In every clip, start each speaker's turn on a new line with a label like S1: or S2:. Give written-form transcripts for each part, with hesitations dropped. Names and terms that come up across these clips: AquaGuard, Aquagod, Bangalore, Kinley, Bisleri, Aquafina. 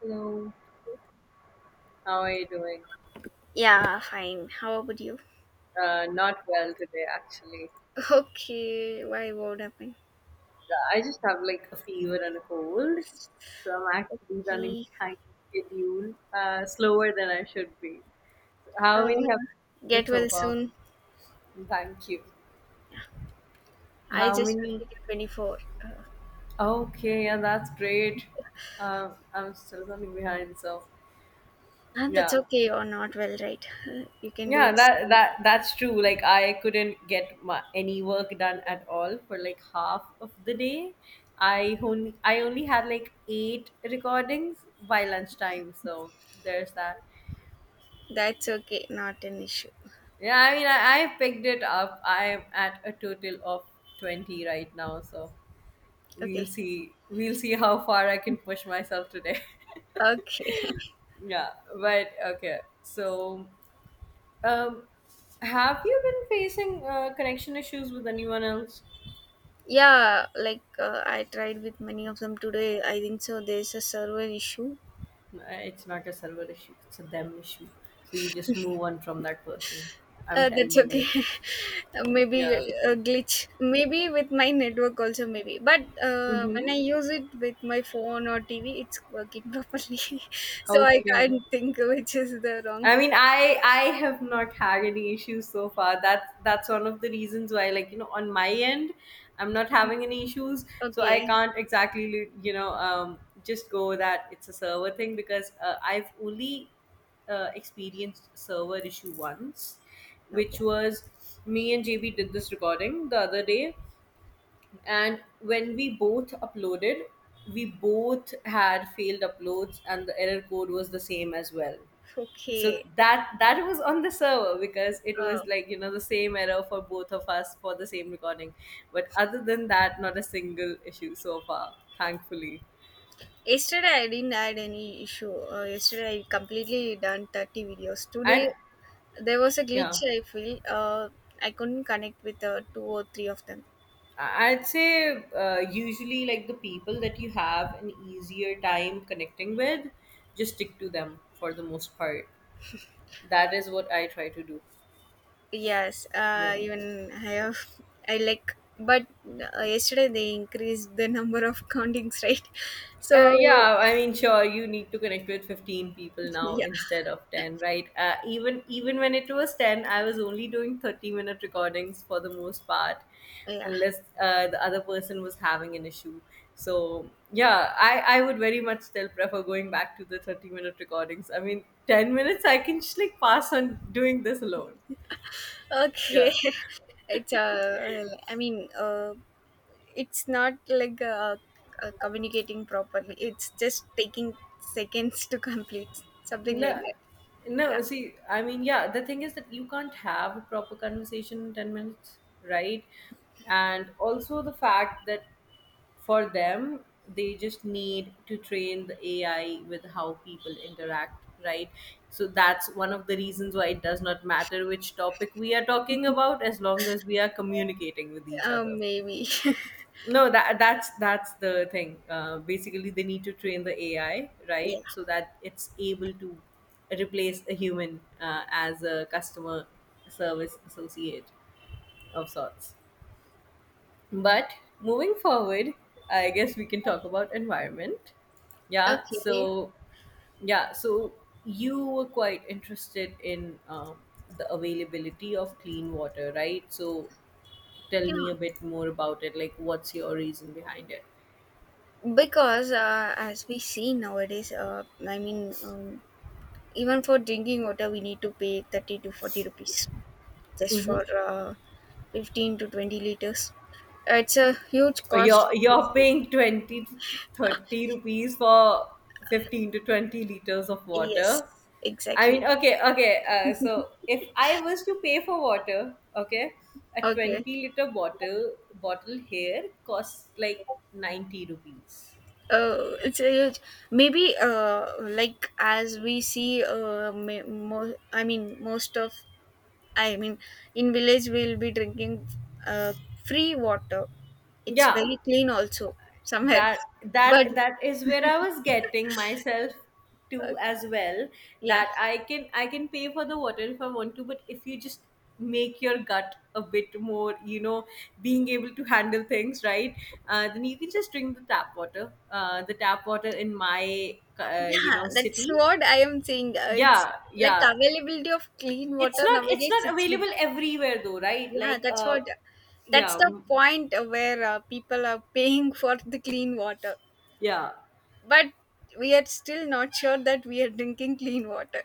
S1: Hello, how are you doing?
S2: Yeah, fine. How about you?
S1: Not well today, actually.
S2: Okay, why what happened?
S1: I just have like a fever and a cold, so I'm actually running
S2: Okay,
S1: behind schedule, slower than I should be.
S2: uh,
S1: How many have you done
S2: get
S1: so
S2: well
S1: far?
S2: soon.
S1: Thank you.
S2: I
S1: How
S2: just
S1: many?
S2: completed 24. Uh,
S1: Okay, yeah, that's great. I'm still running behind, so
S2: and that's
S1: yeah.
S2: okay, you're not well, right? You can do
S1: Yeah,
S2: it
S1: that
S2: soon.
S1: that that's true. Like I couldn't get any work done at all for like half of the day. I only had like eight recordings by lunchtime, so there's that.
S2: That's okay, not an issue.
S1: Yeah, I mean I picked it up. I'm at a total of 20 right now, so we'll
S2: Okay.
S1: see we'll see how far I can push myself today.
S2: Okay.
S1: Yeah, but okay. So, um, have you been facing connection issues with anyone else?
S2: Yeah, like I tried with many of them today. I think so. There's a server issue.
S1: Uh, It's not a server issue, it's a them issue. So you just move on from that person. I'm
S2: That's
S1: telling
S2: okay.
S1: you.
S2: Maybe
S1: Yeah.
S2: a glitch. Maybe with my network also. Maybe, but when
S1: Mm-hmm.
S2: I use it with my phone or TV, it's working properly. So I
S1: Okay.
S2: can't think which is the wrong.
S1: I mean, I have not had any issues so far. That's one of the reasons why, like on my end, I'm not having any issues. So I
S2: Okay.
S1: can't exactly, just go that it's a server thing because I've only experienced server issue once, which
S2: Okay.
S1: was me and JB did this recording the other day, and when we both uploaded, we both had failed uploads, and the error code was the same as well, so
S2: Okay.
S1: that was on the server because it was
S2: Uh,
S1: like the same error for both of us for the same recording. But other than that, not a single issue so far, thankfully.
S2: Yesterday I didn't had any issue. Yesterday I completely done 30 videos. Today
S1: And
S2: there was a glitch,
S1: yeah,
S2: I feel. I couldn't connect with two or three of them.
S1: I'd say usually like the people that you have an easier time connecting with, just stick to them for the most part. That is what I try to do.
S2: Yes,
S1: Yeah.
S2: even I have, I like, but yesterday they increased the number of countings, right? So,
S1: Yeah, I mean, sure, you need to connect with 15 people now
S2: yeah,
S1: instead of 10, right? Even when it was 10, I was only doing 30-minute recordings for the most part,
S2: yeah,
S1: unless the other person was having an issue. So, yeah, I would very much still prefer going back to the 30-minute recordings. I mean, 10 minutes, I can just like pass on doing this alone. Yeah.
S2: okay. I mean, it's not like communicating properly, it's just taking seconds to complete, something like
S1: No,
S2: that. Yeah,
S1: no. See, I mean, yeah. The thing is that you can't have a proper conversation in 10 minutes, right? And also the fact that for them, they just need to train the AI with how people interact, right? So that's one of the reasons why it does not matter which topic we are talking about, as long as we are communicating with each other.
S2: maybe.
S1: No, that that's the thing. Basically, they need to train the AI, right,
S2: Yeah,
S1: so that it's able to replace a human as a customer service associate of sorts. But moving forward, I guess we can talk about environment. Yeah.
S2: okay.
S1: So yeah. So you were quite interested in the availability of clean water, right? So tell me a
S2: Yeah,
S1: bit more about it. Like, what's your reason behind it?
S2: because as we see nowadays, I mean, even for drinking water, we need to pay 30 to 40 rupees just for 15 to 20 liters. It's a huge cost.
S1: You're paying 20 to 30 rupees for 15 to 20 liters of
S2: Yes,
S1: water. I mean,
S2: exactly.
S1: okay, okay. So if I was to pay for water, okay, a
S2: Okay.
S1: 20 liter bottle here costs like 90 rupees.
S2: Oh, it's a huge. Maybe like as we see I mean most of, I mean, in village we'll be drinking uh, free water. It's
S1: Yeah,
S2: very clean also somewhere,
S1: that that
S2: but
S1: that is where I was getting myself
S2: uh,
S1: to as well,
S2: yeah.
S1: that I can pay for the water if I want to, but if you just make your gut a bit more, being able to handle things, right, then you can just drink the tap water, the tap water in my
S2: Yeah, that's
S1: city.
S2: what I am saying. It's
S1: Yeah,
S2: like
S1: yeah.
S2: availability of clean
S1: it's
S2: water
S1: not it's
S2: nowadays.
S1: not
S2: It's been-
S1: available everywhere though, right?
S2: Yeah,
S1: Like,
S2: that's what. That's
S1: yeah,
S2: the
S1: mm,
S2: point where people are paying for the clean water,
S1: yeah.
S2: but we are still not sure that we are drinking clean water.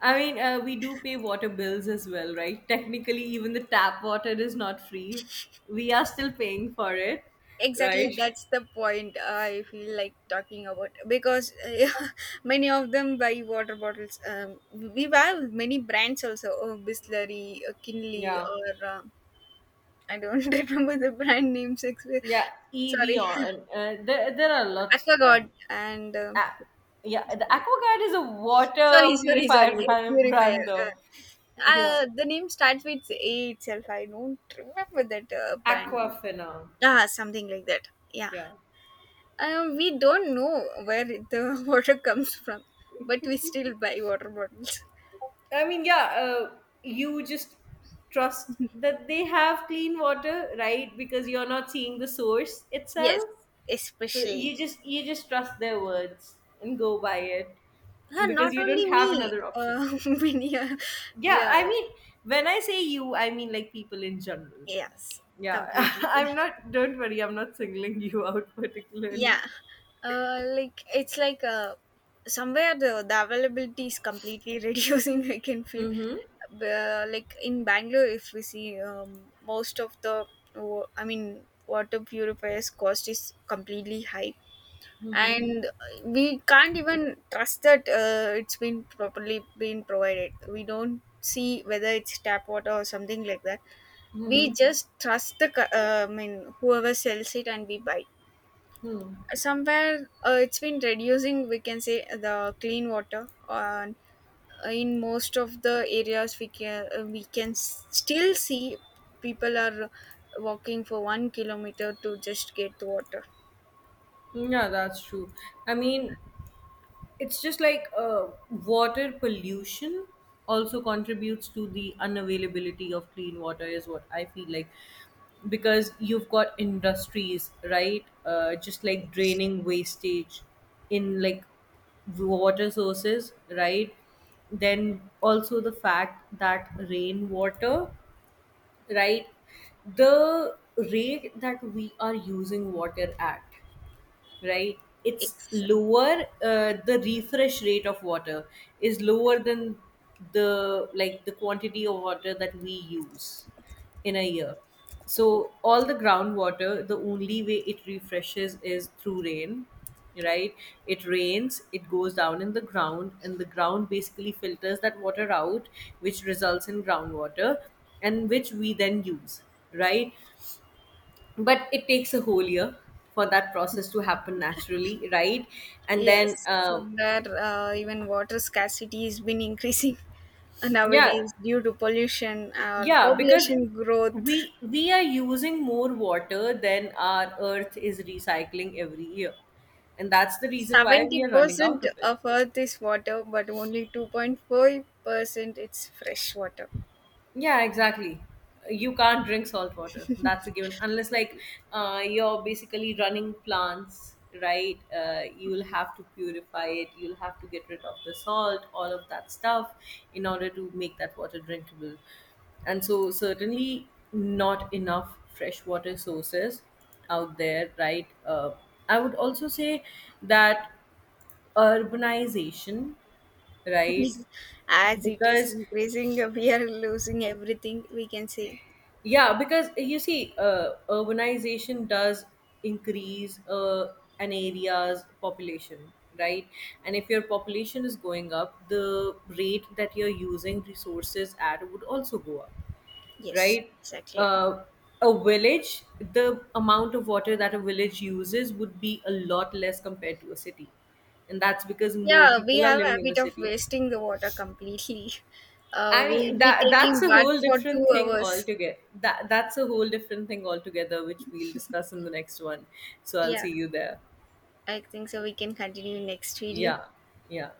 S1: I mean, we do pay water bills as well, right? Technically, even the tap water is not free. We are still paying for it, right?
S2: Exactly, that's the point I feel like talking about because many of them buy water bottles. We have many brands also, oh, Bisleri, Kinley,
S1: Yeah,
S2: or. I don't remember the brand name. Six,
S1: yeah. EV
S2: sorry,
S1: on, there are lots of them.
S2: Aquagod and
S1: Ah, yeah, the AquaGuard is a water
S2: sorry, sorry,
S1: purifier
S2: sorry,
S1: brand,
S2: purifier.
S1: brand though.
S2: Uh,
S1: Yeah,
S2: the name starts with A itself. I don't remember that brand name.
S1: Aquafina.
S2: Ah, something like that. Yeah.
S1: Yeah,
S2: We don't know where the water comes from, but we still buy water bottles.
S1: I mean, yeah. You just trust that they have clean water, right? Because you're not seeing the source
S2: Yes,
S1: itself. So you
S2: especially.
S1: just you just trust their words and go by it
S2: Huh,
S1: because
S2: not
S1: you don't
S2: only
S1: have
S2: me.
S1: another option.
S2: Many.
S1: Yeah,
S2: Yeah.
S1: I mean when I say you, I mean like people in general.
S2: Yes.
S1: Yeah,
S2: Completely.
S1: I'm not. Don't worry, I'm not singling you out particularly.
S2: Yeah, like it's like somewhere, the availability is completely reducing, I can feel.
S1: Mm-hmm.
S2: Like in Bangalore, if we see, most of the water purifiers cost is completely high,
S1: Mm-hmm.
S2: and we can't even trust that it's been properly been provided. We don't see whether it's tap water or something like that.
S1: Mm-hmm.
S2: We just trust the I mean whoever sells it, and we buy
S1: Hmm.
S2: somewhere. It's been reducing, we can say, the clean water on, in most of the areas, we can still see people are walking for 1 kilometer to just get the water.
S1: Yeah, that's true. I mean, it's just like water pollution also contributes to the unavailability of clean water, is what I feel like, because you've got industries, right, just like
S2: Yes,
S1: draining wastage in like water sources, right? Then also the fact that rainwater, right, the rate that we are using water at, right, it's
S2: it's.
S1: lower. The refresh rate of water is lower than the like the quantity of water that we use in a year. So all the groundwater, the only way it refreshes is through rain, right? It rains, it goes down in the ground, and the ground basically filters that water out, which results in groundwater, and which we then use, right? But it takes a whole year for that process to happen naturally, right? And then
S2: Yes, somewhere, even water scarcity has been increasing
S1: yeah,
S2: nowadays due to pollution or
S1: yeah, because
S2: population growth.
S1: we are using more water than our earth is recycling every year, and that's the reason why we are running out
S2: 70%
S1: of it.
S2: of Earth is water, but only 2.5% is fresh water.
S1: Yeah, exactly. You can't drink salt water. That's a given. Unless, like, you're basically running plants, right? You'll have to purify it. You'll have to get rid of the salt, all of that stuff, in order to make that water drinkable. And so, certainly, not enough freshwater sources out there, right? I would also say that urbanization, right?
S2: Yes. As it is
S1: Because
S2: increasing, we are losing everything, we can say.
S1: Yeah, because you see, urbanization does increase an area's population, right? And if your population is going up, the rate that you're using resources at would also go up,
S2: Yes,
S1: right?
S2: exactly.
S1: Uh, a village, the amount of water that a village uses would be a lot less compared to a city. And that's because more
S2: Yeah, we
S1: people are
S2: have a
S1: living in the
S2: habit of
S1: city.
S2: wasting the water completely.
S1: I
S2: We'll
S1: mean
S2: be
S1: that's
S2: taking
S1: a
S2: bath
S1: whole
S2: for two
S1: different thing
S2: hours.
S1: altogether. That's a whole different thing altogether, which we'll discuss in the next one. So I'll
S2: Yeah,
S1: see you there.
S2: I think so. We can continue next video.
S1: Yeah, yeah.